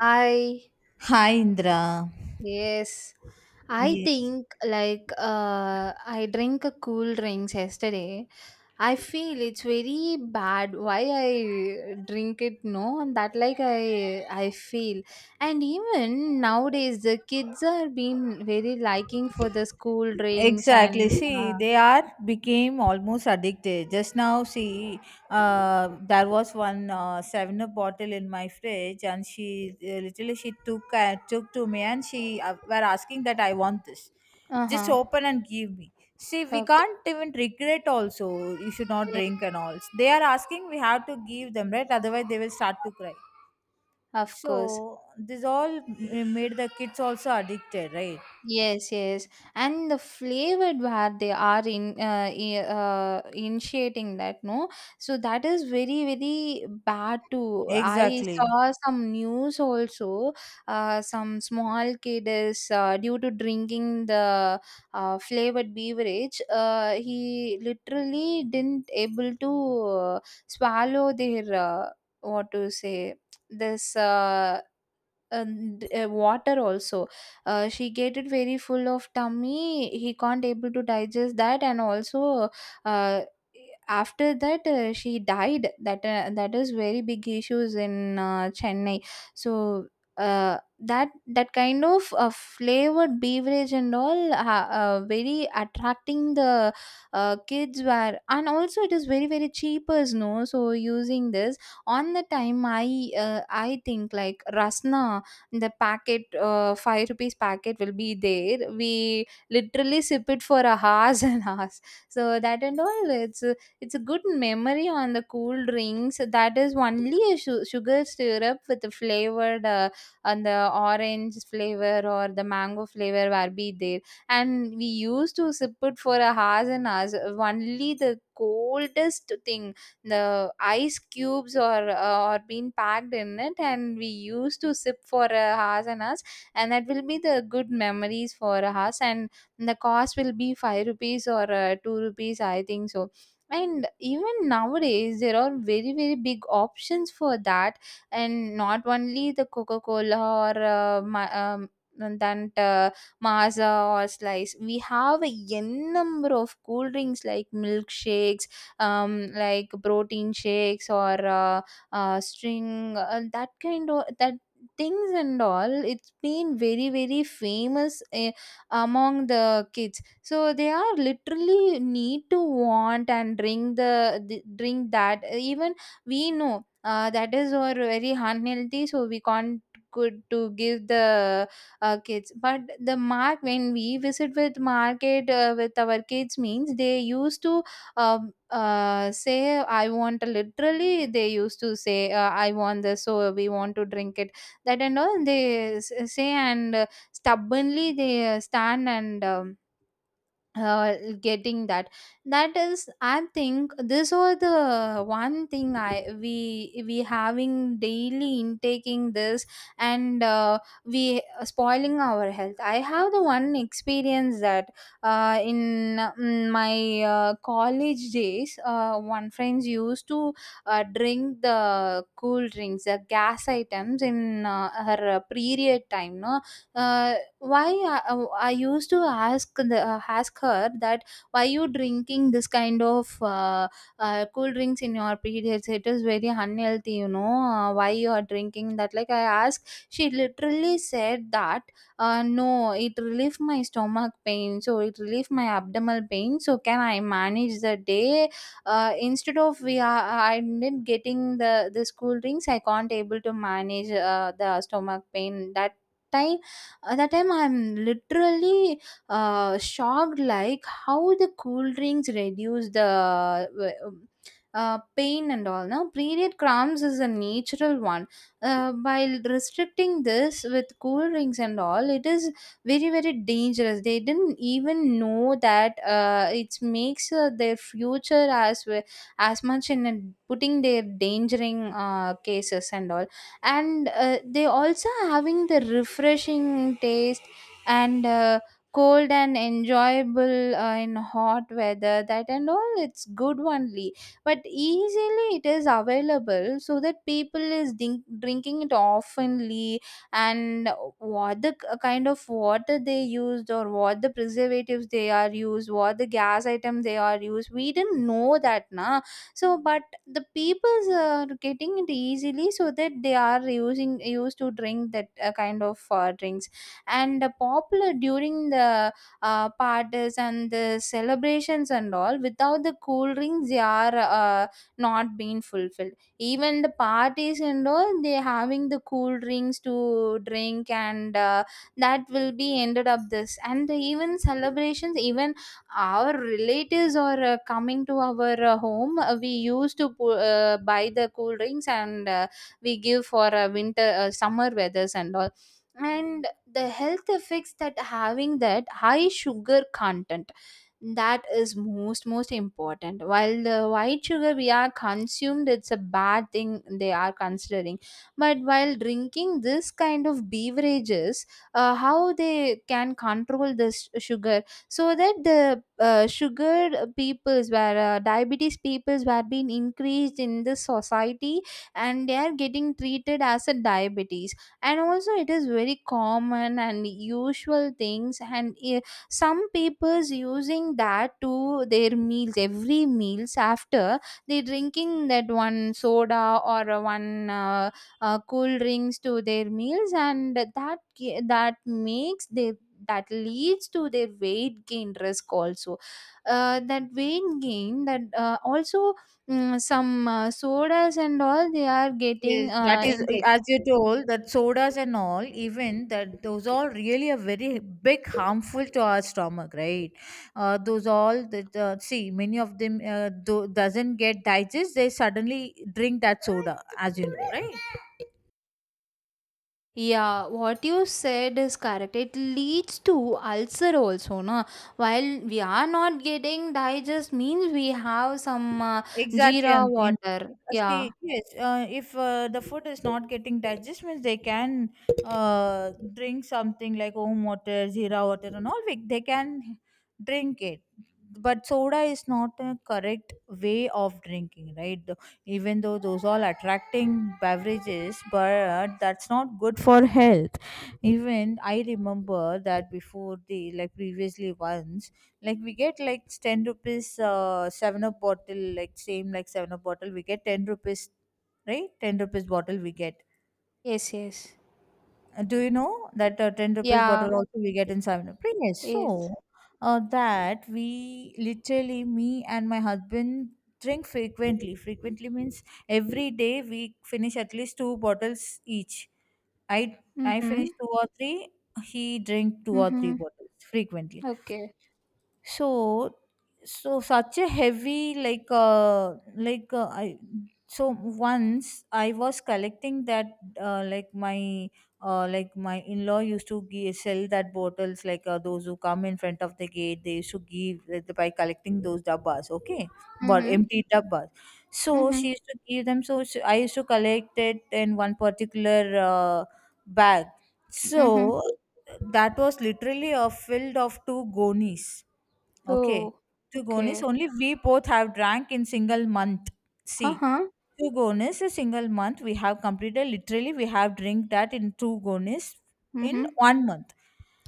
I Hi, Indra. yes. I Yes, think like I drink a cool drinks yesterday. I feel it's very bad why I drink it no and that like I feel and even nowadays the kids are being very liking for the school drinks exactly. and See, they are became almost addicted. Just now, see, there was one seven up bottle in my fridge, and she literally she took to me, and she were asking that I want this. Just uh-huh. open and give me. See, we Okay. can't even regret. Also, you should not Yes, drink and all. They are asking. We have to give them, right? Otherwise, they will start to cry. of course. So this all made the kids also addicted, right? Yes, yes, and the flavored where they are in initiating that no, so that is very very bad too. I Exactly. saw some news also, some small kid is due to drinking the flavored beverage, he literally didn't able to uh, swallow their what to say this. And water also, she get it very full of tummy, he can't able to digest that, and also, uh, after that she died. That that is very big issues in chennai. So that kind of flavored beverage and all, very attracting the kids were, and also it is very very cheap as no, so using this on the time, I think like rasna, the packet 5 rupees packet will be there, we literally sip it for a hours and hours. So that and all, it's a good memory on the cool drinks. That is only a sugar syrup with the flavored, and the orange flavor or the mango flavor will be there, and we used to sip it for a hours and hours, only the coldest thing, the ice cubes or being packed in it, and we used to sip for hours and hours, and that will be the good memories for us. And the cost will be 5 rupees or 2 rupees I think so. And even nowadays there are very very big options for that, and not only the coca cola or ma- that maza or slice. We have a n number of cool drinks like milkshakes, like protein shakes or string, that kind of that things and all. It's been very very famous among the kids, so they are literally need to want and drink the drink. That even we know, that is our very unhealthy, so we can't good to give the kids. But the mark when we visit with market with our kids means, they used to um, say I want a, literally they used to say, I want this, so we want to drink it. That and all they say, and stubbornly they stand and uh, getting that. That is I think this was the one thing I we we having daily intaking this, and we spoiling our health. I have the one experience that, uh, in my college days, one friends used to drink the cool drinks, the gas items in her period time no. uh, I used to ask the, ask her that, why you drinking this kind of cool drinks in your periods. It is very unhealthy you know, why you are drinking that, like I asked. She literally said that, no, it relieved my stomach pain, so it relieved my abdominal pain, so can I manage the day. Instead of we are, I didn't getting the this cool drinks, I can't able to manage the stomach pain that time. At that time, I'm literally shocked, like how the cool drinks reduce the pain and all. Now, period cramps is a natural one. By restricting this with cool drinks and all, it is very very dangerous. They didn't even know that, it makes their future as well, as much in a, putting their dangering cases and all. And they also having the refreshing taste, and cold and enjoyable in hot weather, that and all it's good only, but easily it is available, so that people is drinking it oftenly. And what the kind of water they used, or what the preservatives they are used, what the gas item they are used, we didn't know that na. So but the peoples are getting it easily, so that they are using used to drink that kind of drinks. And popular during the parties and the celebrations and all, without the cool drinks they are not being fulfilled. Even the parties and all, they having the cool drinks to drink, and that will be ended up this. And even celebrations, even our relatives are coming to our home, we used to buy the cool drinks, and we give for winter, summer weathers and all. And the health effects, that having that high sugar content, that is most most important, while the white sugar we are consumed, it's a bad thing they are considering. But while drinking this kind of beverages, how they can control this sugar. So that the sugar peoples where diabetes peoples were being increased in this society, and they are getting treated as a diabetes. And also it is very common and usual things, and some peoples using that to their meals, every meals after they drinking that one soda or one cool drinks to their meals, and that that makes their, that leads to their weight gain risk also. That weight gain that some sodas and all, they are getting Yes, that is intake. as you told, that sodas and all, even that those all really are very big harmful to our stomach, right? Those all that see, many of them doesn't get digest. They suddenly drink that soda, as you know, right? Yeah, what you said is correct, it leads to ulcer also no. While we are not getting digest means, we have some, Exactly, jeera and in water, yeah. see, yes, if the food is not getting digest, means they can drink something like home water, zira water, and all. They can drink it, but soda is not a correct way of drinking, right? Even though those all attracting beverages, but that's not good for health. Even I remember that before, the like previously, once, like, we get like 10 rupees 7 up bottle, like same like 7 up bottle, we get 10 rupees, right? 10 rupees bottle we get. Yes, yes. Do you know that 10 rupees Yeah. bottle also we get in 7 up? Really? Yes. Yes. So that we literally, me and my husband drink Frequently means every day we finish at least two bottles each. I i finish Mm-hmm. two or three. He drink two or three Mhm. bottles frequently. Okay. So so such a heavy, like I so once I was collecting that, like my in-law used to sell that bottles, like those who come in front of the gate, they used to give, by collecting those dabbas. Okay, but Mhm. empty dabbas. So Mhm. she used to give them. So I used to collect it in one particular bag. Mhm. So that was literally a filled of two gonies. Okay. Oh, Two gonies okay. only we both have drank in single month. See, Uh-huh. two gonies a single month. We have completed. Literally, we have drink that in two gonies in Mhm. one month.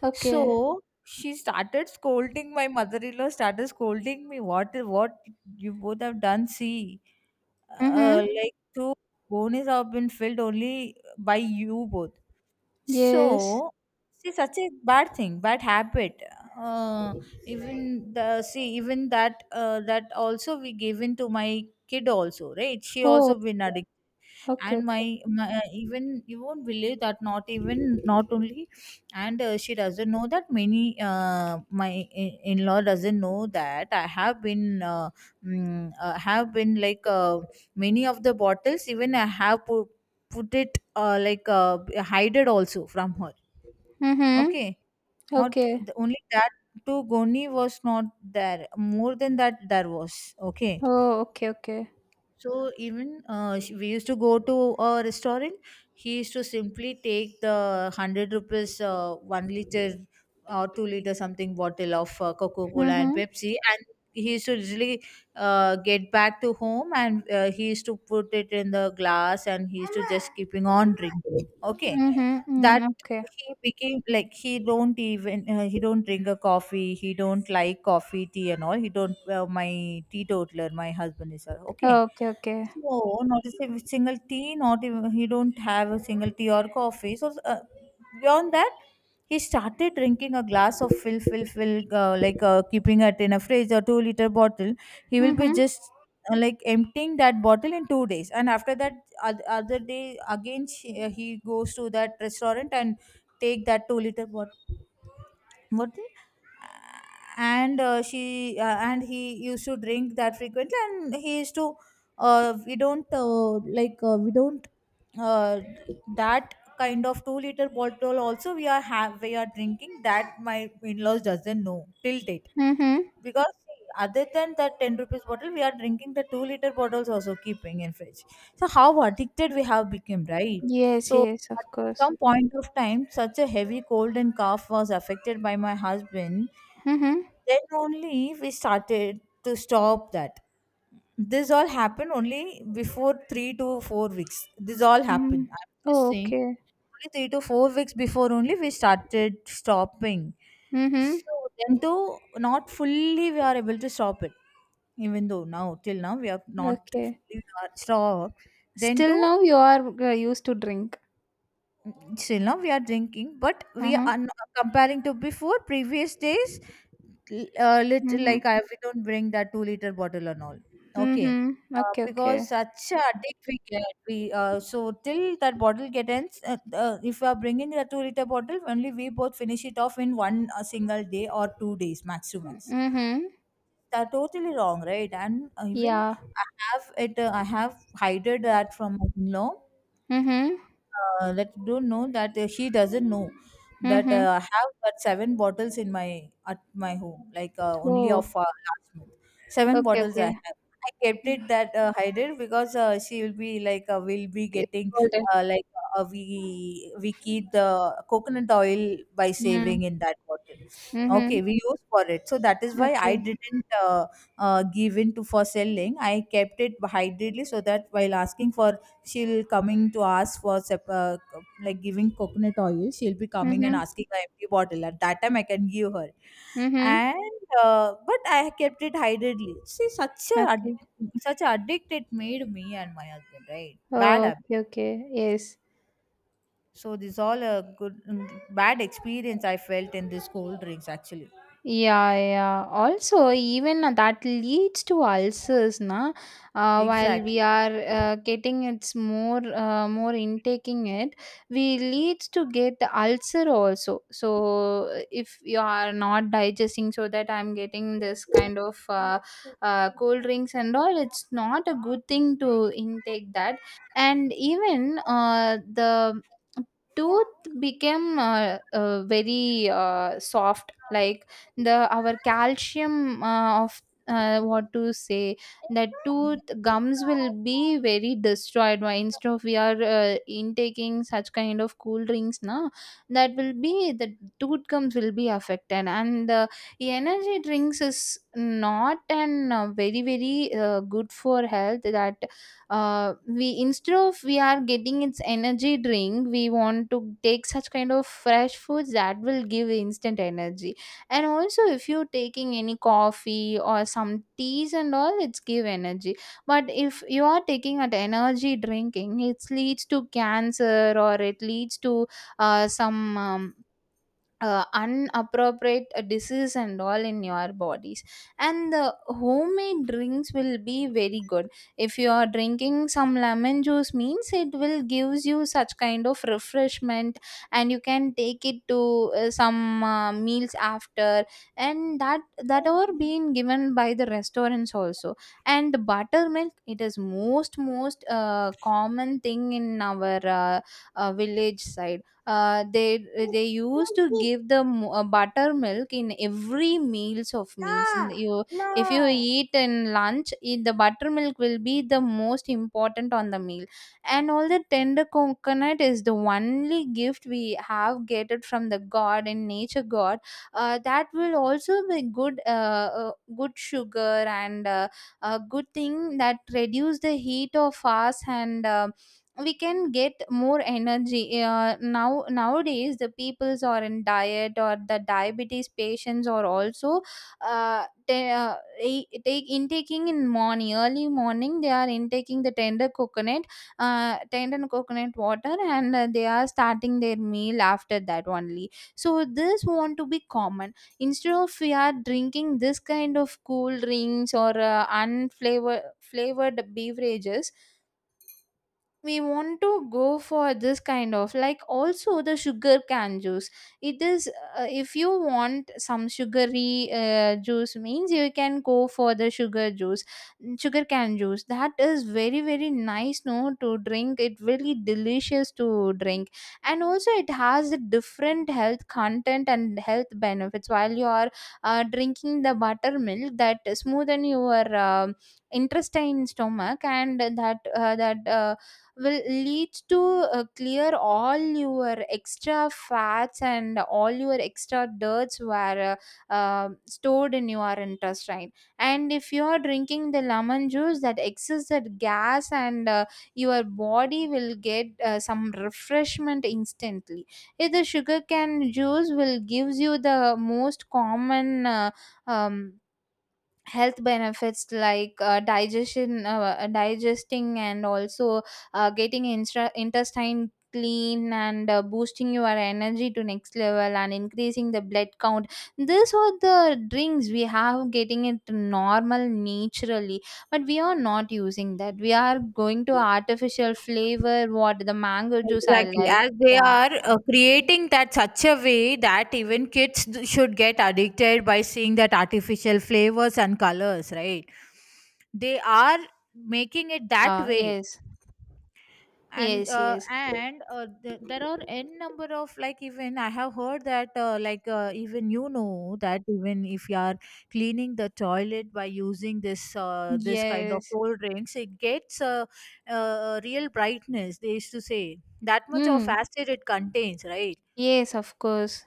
Okay. So she started scolding my mother-in-law. Started scolding me. What you both have done? See, Mhm. Like two gonies have been filled only by you both. Yes. So, see, such a bad thing, bad habit. Uh, even that also we given to my kid also, right? She Oh, also been addicted. okay, And okay. my even you won't believe that, not even, not only. And she doesn't know that many, in-law doesn't know that I have been, have been, like, many of the bottles, even I have put it, hide it also from her. Mhm. Okay. Not Okay. Only that to goni was not there, more than that there was. Okay. Oh, okay, okay. So even, we used to go to a restaurant. He used to simply take the 100 rupees, 1 liter or 2 liter something bottle of Coca Cola and Mhm. Pepsi, and he used to usually, get back to home, and he used to put it in the glass and he used to just keeping on drinking. Okay, Mhm. Mm, that okay. he became like, he don't even, he don't drink a coffee. He don't like coffee, tea, and all. He don't. My teetotaler, my husband is a. Okay, Oh, okay, okay. no, not a single tea, not even he don't have a single tea or coffee. So, beyond that, he started drinking a glass of, like, keeping it in a fridge or 2 liter bottle. He will be Mhm. just, like emptying that bottle in 2 days, and after that, other day again, he goes to that restaurant and take that 2 liter bottle. What? And she and he used to drink that frequently and he used to, we don't like we don't uh, that kind of 2-liter bottle also we are have we are drinking that, my in-laws doesn't know till date, Mhm. because see, other than that 10 rupees bottle, we are drinking the 2-liter bottles also, keeping in fridge. So how addicted we have become, right? Yes, So yes, of at course. some point of time, such a heavy cold and cough was affected by my husband. Mhm. Then only we started to stop that. This all happened only before 3 to 4 weeks. This all happened. Mhm. I'm just Oh, saying okay. only 3 to 4 weeks before only we started stopping. Mhm. So then, though not fully we are able to stop it. Even though now, till now, we are not Okay. fully we are stopped. Then Still too, now you are used to drink. still now we are drinking, but we Mhm. are not comparing to before previous days. Little, Mhm. like, I, we don't bring that 2 liter bottle and all. Mhm. Okay. Okay, okay. Because such a addict we get, we so till that bottle get ends, if we are bringing the 2 liter bottle, only we both finish it off in one single day or 2 days, max to max. Mhm. That totally wrong, right? And even Yeah. I have hided that from my in-law. Mhm. Let don't know that, she doesn't know that, Mhm. I have got 7 bottles in my, at my home, like, only of Oh, last month. Seven okay, bottles I okay. have. I kept it that, hidden, because she will be like, will be Okay, getting, got it. uh, like we keep the coconut oil by Mm. saving in that bottle. Mhm. Okay, we use for it. So that is why I Okay. didn't, give in to for selling. I kept it hiddenly, so that while asking for, she'll coming to ask for, like giving coconut oil, she'll be coming and Mhm. asking an empty bottle, at that time I can give her. Mhm. And but I kept it hidedly. See, such a Okay. such a addict, it made me and my husband right, bad Oh, habit. okay, okay. Yes. So this all a good, bad experience I felt in this cold drinks, actually. Yeah, yeah. Also, even that leads to ulcers, na. While we Exactly. are getting it's more, more intaking it, we leads to get ulcer also. So if you are not digesting, so that I'm getting this kind of cold drinks and all, it's not a good thing to intake that. And even the tooth became very soft, like the our calcium of what to say, that tooth gums will be very destroyed, why instead of we are intaking such kind of cool drinks now, that will be the tooth gums will be affected. And the energy drinks is not an very very good for health. That we, instead of we are getting its energy drink, we want to take such kind of fresh foods that will give instant energy. And also if you're taking any coffee or some teas and all, it's give energy. But if you are taking an energy drinking, it leads to cancer, or it leads to some unappropriate disease and all in your bodies. And the homemade drinks will be very good. If you are drinking some lemon juice means, it will gives you such kind of refreshment, and you can take it to some meals after, and that that are being given by the restaurants also. And the buttermilk, it is most most common thing in our village side. uh, they they used to give the buttermilk in every meals of meals. And you, if you eat in lunch, the buttermilk will be the most important on the meal. And all the tender coconut is the only gift we have get it from the god and nature god. That will also be good, good sugar, and a good thing that reduce the heat of us, and we can get more energy. Now nowadays the peoples are in diet, or the diabetes patients are also, take intaking in morning, early morning they are intaking the tender coconut, tender coconut water, and they are starting their meal after that only. So this want to be common, instead of we are drinking this kind of cool drinks, or unflavor flavored beverages, we want to go for this kind of, like also the sugar cane juice. It is, if you want some sugary juice means, you can go for the sugar juice. Mm, sugar cane juice, that is very very nice no to drink, it really delicious to drink. And also it has a different health content and health benefits while You are drinking the buttermilk that smoothen your intestine stomach and that will lead to clear all your extra fats and all your extra dirts were stored in your intestine. And if you are drinking the lemon juice that excess that gas and your body will get some refreshment instantly. If the sugar cane juice will gives you the most common um, health benefits like digestion, digesting, and also getting intestine clean and boosting your energy to next level and increasing the blood count. These are the drinks we have getting it normal naturally, but we are not using that. We are going to artificial flavor what the mango juice I Exactly, like. as they Yeah. are creating that such a way that even kids should get addicted by seeing that artificial flavors and colors, right? They are making it that way. Yes, and yes, uh, yes, and uh, th- there are n number of, like, even I have heard that, even you know that, even if you are cleaning the toilet by using this, this kind of yes. cold drinks, it gets a, real brightness. They used to say that much of Mm. acid it contains, right? Yes, of course.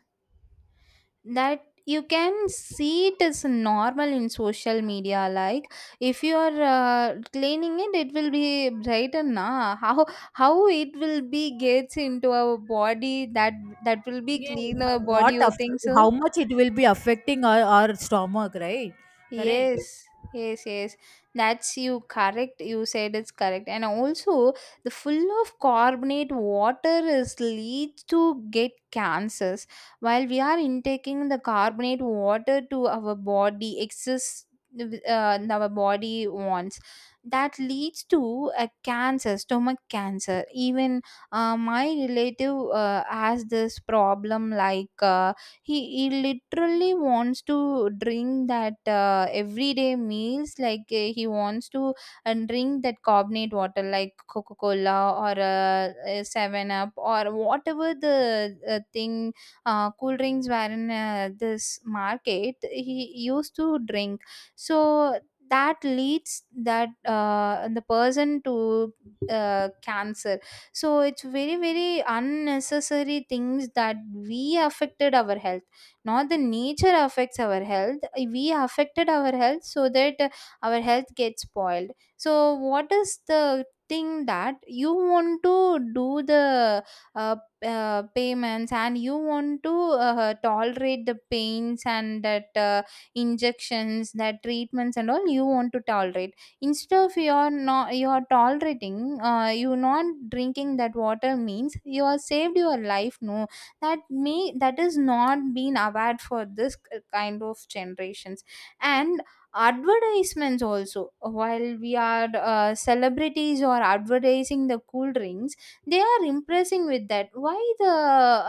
That you can see it is normal in social media like. If you are cleaning it, it will be brighter na. How it will be gets into our body that that will be Yes. clean our body, you think How so? much it will be affecting our stomach, right? Correct. Yes, yes, yes. That's you correct. You said it's correct. And also, the full of carbonate water is leads to get cancers. While we are intaking the carbonate water to our body, excess our body wants, that leads to a cancer, stomach cancer even. My relative has this problem like, uh, he literally wants to drink that everyday meals. Like he wants to drink that carbonate water like Coca Cola or 7 up or whatever the thing, cool drinks were in this market he used to drink. So that leads that the person to cancer. So it's very very unnecessary things that we affected our health, not the nature affects our health. We affected our health, so that our health gets spoiled. So what is the thing that you want to do the uh, payments, and you want to tolerate the pains and that injections, that treatments and all you want to tolerate. Instead of you're not, you're tolerating, you not drinking that water means you are saved your life no. That may, that is not being aware for this kind of generations. And advertisements also, while we are celebrities or advertising the cool drinks, they are impressing with that. Why the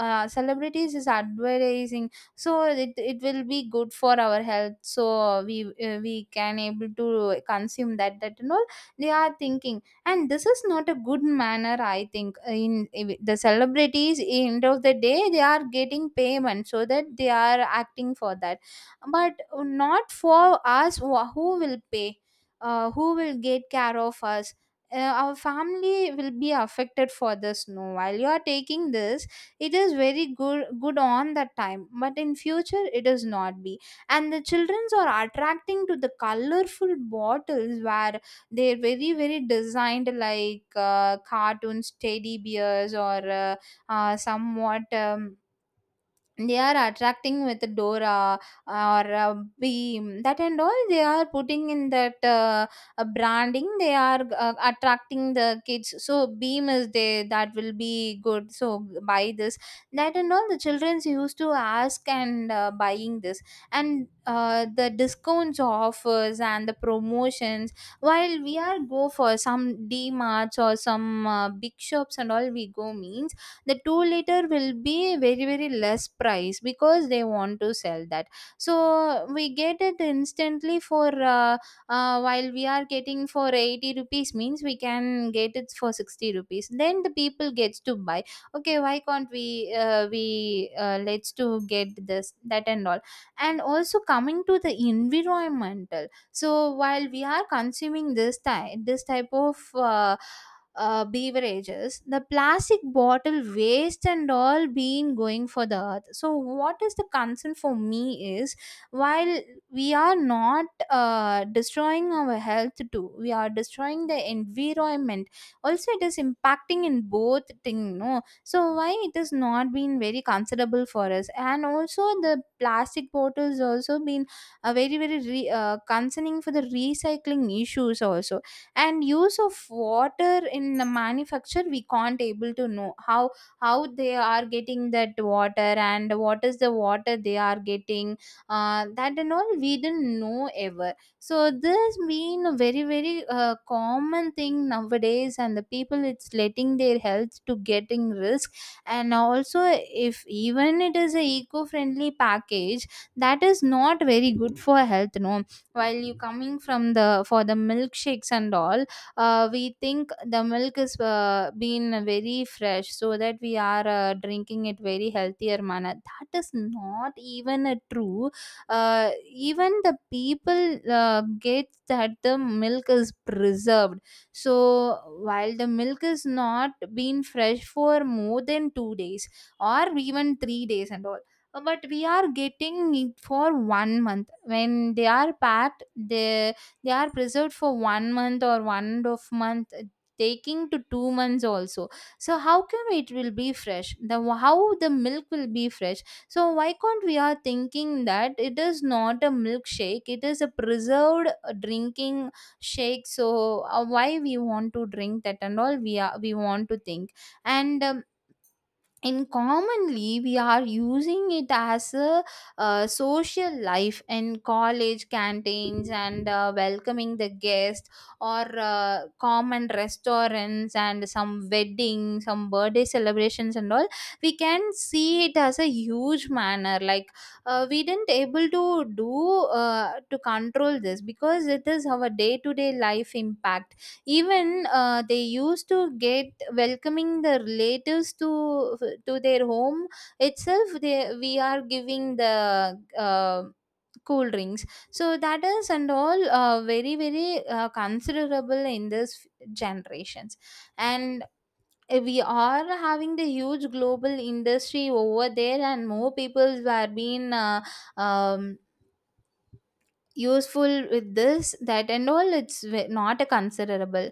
celebrities is advertising, so it will be good for our health, so we can able to consume that, that and all, they are thinking. And this is not a good manner I think. In the celebrities end of the day, they are getting payment, so that they are acting for that. But not for us, who will pay, who will get care of us? Our family will be affected for this no, while you are taking this. It is very good good on that time, but in future it is not be. And the childrens are attracting to the colorful bottles where they're very very designed like cartoons, teddy bears, or somewhat they are attracting with Dora or beam, that and all they are putting in that branding. They are attracting the kids, so beam is there, that will be good, so buy this, that and all the childrens used to ask and buying this. And the discounts, offers, and the promotions. While we are go for some D Marts or some big shops and all we go means, the 2-liter will be very very less price because they want to sell that. So we get it instantly for uh, while we are getting for 80 rupees means, we can get it for 60 rupees, then the people gets to buy. Okay, why can't we uh, we let's to get this, that and all. And also coming to the environmental. So while we are consuming this type, this type of beverages, the plastic bottle waste and all being going for the earth. So what is the concern for me is, while we are not destroying our health too, we are destroying the environment also. It is impacting in both thing no, so why it is not been very considerable for us? And also the plastic bottles also been uh, concerning for the recycling issues also. And use of water in the manufacture, we can't able to know how they are getting that water and what is the water they are getting, that and all we didn't know ever. So this being a very very common thing nowadays, and the people it's letting their health to getting risk. And also, if even it is a eco-friendly package, that is not very good for health no. While you coming from the for the milkshakes and all, we think the milk is been very fresh, so that we are drinking it very healthier manner, that is not even a true. Even the people get that the milk is preserved. So while the milk is not been fresh for more than 2 days or even 3 days and all, but we are getting it for 1 month. When they are packed, they they are preserved for 1 month or 1.5 months, taking to 2 months also. So how come it will be fresh, the how the milk will be fresh? So why can't we are thinking that it is not a milkshake, it is a preserved drinking shake. So why we want to drink that and all, we are we want to think. And in commonly we are using it as a social life in college canteens and welcoming the guest or common restaurants and some wedding, some birthday celebrations and all, we can see it as a huge manner. Like we didn't able to do to control this because it is our day to day life impact. Even they used to get welcoming the relatives to their home itself. They we are giving the cool drinks. So that is and all very very considerable in this generations. And we are having the huge global industry over there, and more people were being um, useful with this, that and all it's not a considerable.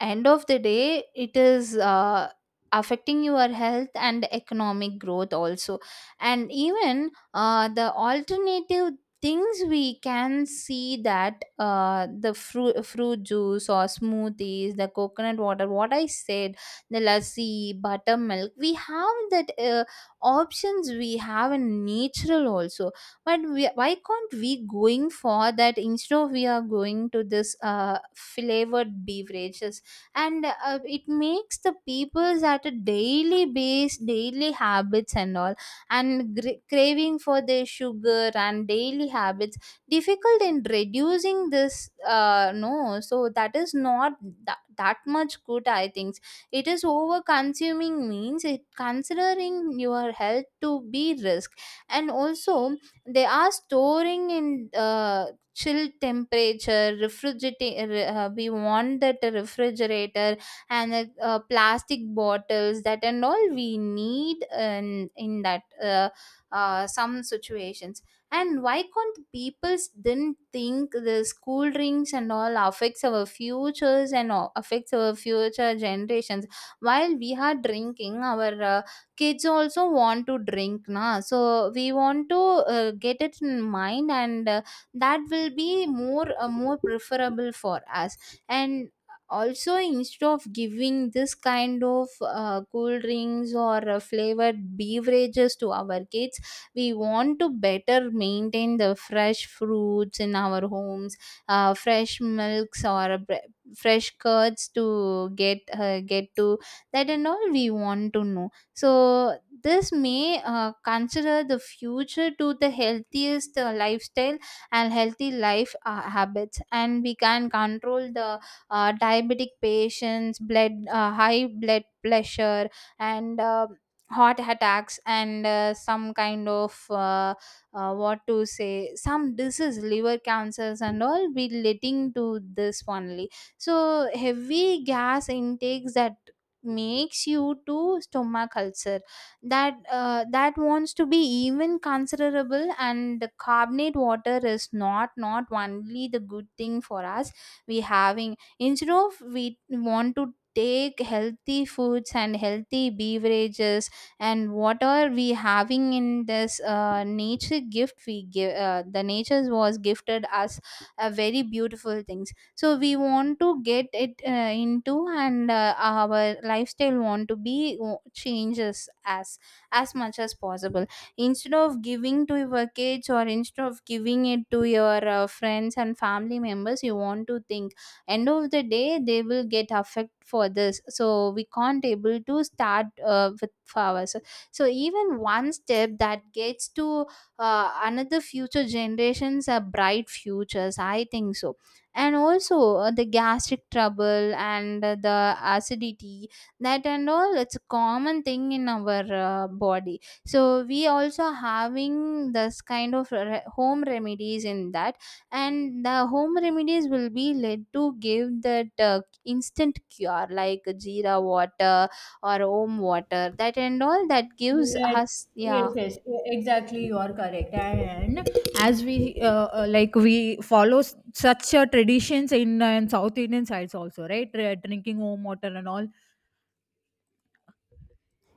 End of the day it is affecting your health and economic growth also. And even the alternative things we can see, that uh, the fruit juice or smoothies, the coconut water what I said, the lassi, buttermilk we have, that options we have in natural also. But why can't we going for that, instead of we are going to this flavored beverages? And it makes the people's at a daily base daily habits and all, and craving for their sugar and daily habits, difficult in reducing this no. So that is not that much good I think. It is over consuming means it considering your health to be risk. And also, they are storing in chill temperature, refrigerator. We want that a refrigerator, and plastic bottles, that and all we need in that some situations. And why can't people didn't think this cool drinks and all affects our futures and all affects our future generations? While we are drinking, our kids also want to drink na. So we want to get it in mind, and that will be more, more preferable for us. And also, instead of giving this kind of cool drinks or flavored beverages to our kids, we want to better maintain the fresh fruits in our homes, fresh milks, or fresh curds to get, get to that and all we want to know. So this may consider the future to the healthiest lifestyle and healthy life habits. And we can control the diabetic patients, blood, high blood pressure, and heart attacks, and some kind of what to say, some disease, liver cancers, and all be leading to this only. So heavy gas intakes that makes you to stomach ulcer, that that wants to be even considerable. And the carbonate water is not only the good thing for us. We having, instead of, we want to take healthy foods and healthy beverages. And whatever we having in this nature gift, we give, the nature was gifted us a very beautiful things. So we want to get it into and our lifestyle want to be changes as much as possible. Instead of giving to your kids, or instead of giving it to your friends and family members, you want to think end of the day they will get affect for this. So we can't able to start with flowers. So even one step that gets to another future generations, a bright futures I think so. And also the gastric trouble and the acidity, that and all it's a common thing in our body. So we also having this kind of home remedies in that. And the home remedies will be led to give that instant cure, like jeera water or om water, that and all that gives Yes, us. Yeah. yes, yes, exactly. You are correct. And as we like, we follow such traditions in, in South Indian sides also, right? Drinking home water and all.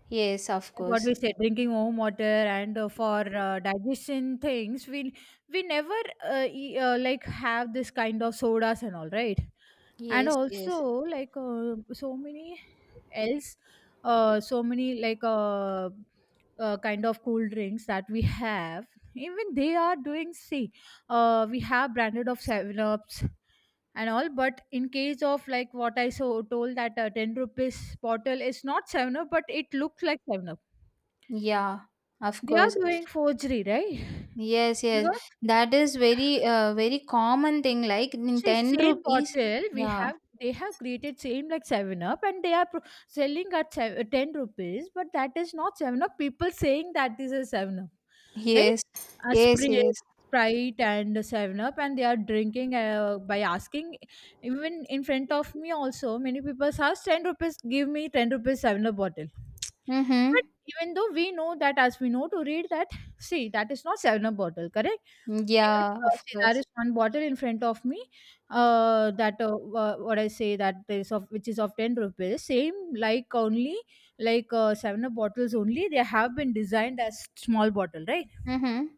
Yes, of Like what course. we said, drinking warm water, and for digestion things, we never, like, have this kind of sodas and all, right? And Yes, also, yes. like, so many else, so many like kind of cool drinks that we have. Even they are doing, see, we have branded of Seven Ups and all, but in case of, like what I so told that, ten rupees bottle is not Seven Up, but it looks like Seven Up, Yeah, of they are course. doing forgery, right? Yes, yes. Because, That is very very common thing like in see, 10 same rupees. bottle we Yeah. have, they have created same like Seven Up, and they are selling at ten rupees, but that is not Seven Up. People saying that this is Seven Up, right? Yes. A Yes, yes. Sprite, Sprite and Seven Up, and they are drinking, by asking. Even in front of me also, many people ask ten rupees. Give me ten rupees Seven Up bottle. But Mm-hmm. even though we know that, as we know to read that, see, that is not Seven Up bottle, correct? Even, Yeah, of see, there course. is one bottle in front of me. What I say, that is of, which is of ten rupees. Same like only, like, Seven Up bottles only. They have been designed as small bottle, right? Mm-hmm.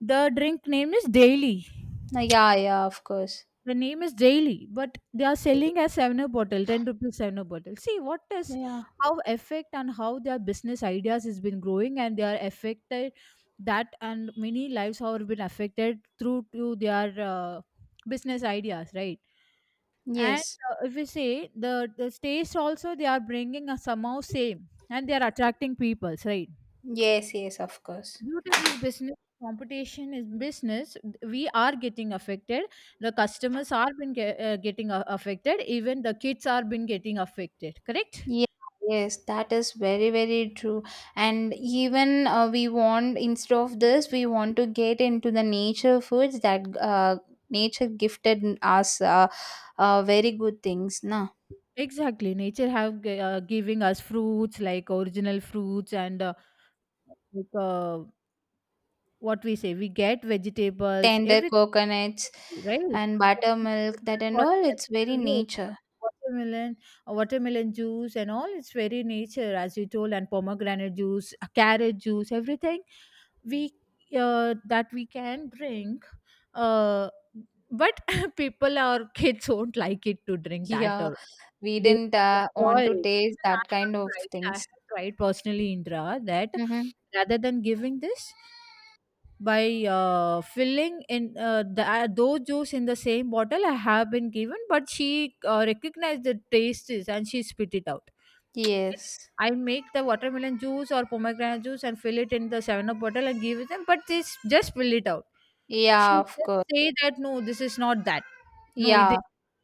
The drink name is Daily. Yeah, yeah, of course. The name is Daily, but they are selling as 7 up bottle, 10 rupees 7 up bottle. See, what is Yeah. how effect and how their business ideas has been growing, and they are affected that, and many lives have been affected through to their, business ideas, right? And Yes. If we say, the taste also they are bringing a somehow same, and they are attracting people, right? Yes, yes, of course. Due to this business competition is business, we are getting affected, the customers are been getting affected, even the kids are been getting affected. Correct. Yeah, yes, that is very, very true. And even we want, instead of this, we want to get into the nature foods that nature gifted us very good things, na? Exactly, nature have giving us fruits like original fruits, and like, what we say, we get vegetables, Tender coconuts everything, right? and buttermilk, that and Water, all. It's very acetyl, yes, nature. watermelon, watermelon juice and all, it's very nature, as you told. And pomegranate juice, carrot juice, everything, we, that we can drink. uh, but people or kids won't like it to drink that, Yeah, or we they didn't enjoy want to it. taste Even i that have kind of tried i things. have tried personally, Indra, that, Mm-hmm. rather than giving this by, filling in the those juice in the same bottle, I have been given, but she recognized the tastes and she spit it out. Yes. I make the watermelon juice or pomegranate juice and fill it in the seven up bottle and give it them, but this just spill it out. She Yeah, of just course. say that, no, this is not that, no, it is. Yeah.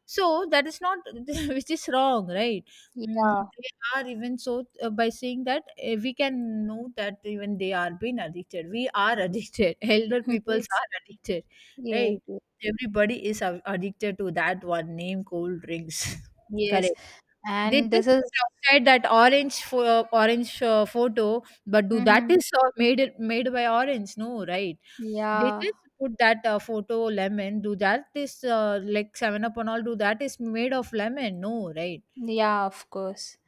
So that is not which is wrong, right? Yeah. They are even, so, by saying that, we can know that even they are being addicted, we are addicted. Elder peoples Yes. are addicted, Yes. right? Yes. Everybody is addicted to that one name, cold drinks. Yes. Correct. They And this just put is. outside that orange, orange photo, but do that Mm-hmm. is, made, it made by orange? No, right? They Yeah. just put that, photo lemon. Do that is, like Seven Up and all. Do that is made of lemon? No, right? Yeah, of course.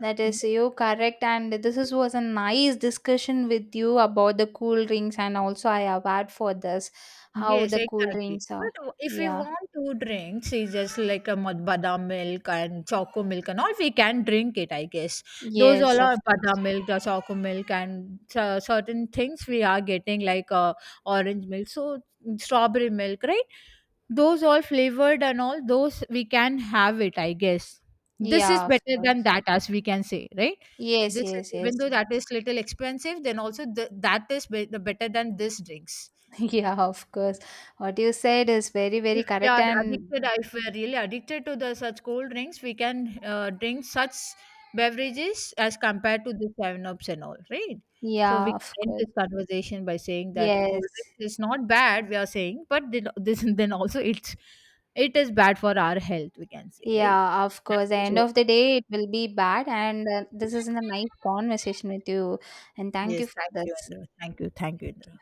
That is you correct, and this is, was a nice discussion with you about the cool drinks, and also I have had for this how Yes, the cool exactly. drinks are. But if we Yeah. want to drink, see, just like a badam milk and choco milk and all, we can drink it, I guess. Those Yes, all of are course. badam milk, the choco milk, and certain things we are getting, like, orange milk, so, strawberry milk, right? Those all flavored and all, those we can have it, I guess. This is Yeah, of better than course. that, as we can say, right? Yes, This is, yes, even yes. though that is little expensive, then also the better than this drinks. Yeah, of course. What you said is very, very If we correct, are addicted, and if we are really addicted to the such cold drinks, we can, drink such beverages, as compared to the seven ups and all, right? So we yeah, of can end course. this conversation by saying that cold Yes. drinks is not bad, we are saying, but then, this then also, it's, it is bad for our health, we can say, right? Yeah, of Thank course. The you end so of the much. day, it will be bad, and this is a nice conversation with you, and thank you Yes, for thank you, this. Indra. Thank you. Thank you, Indra.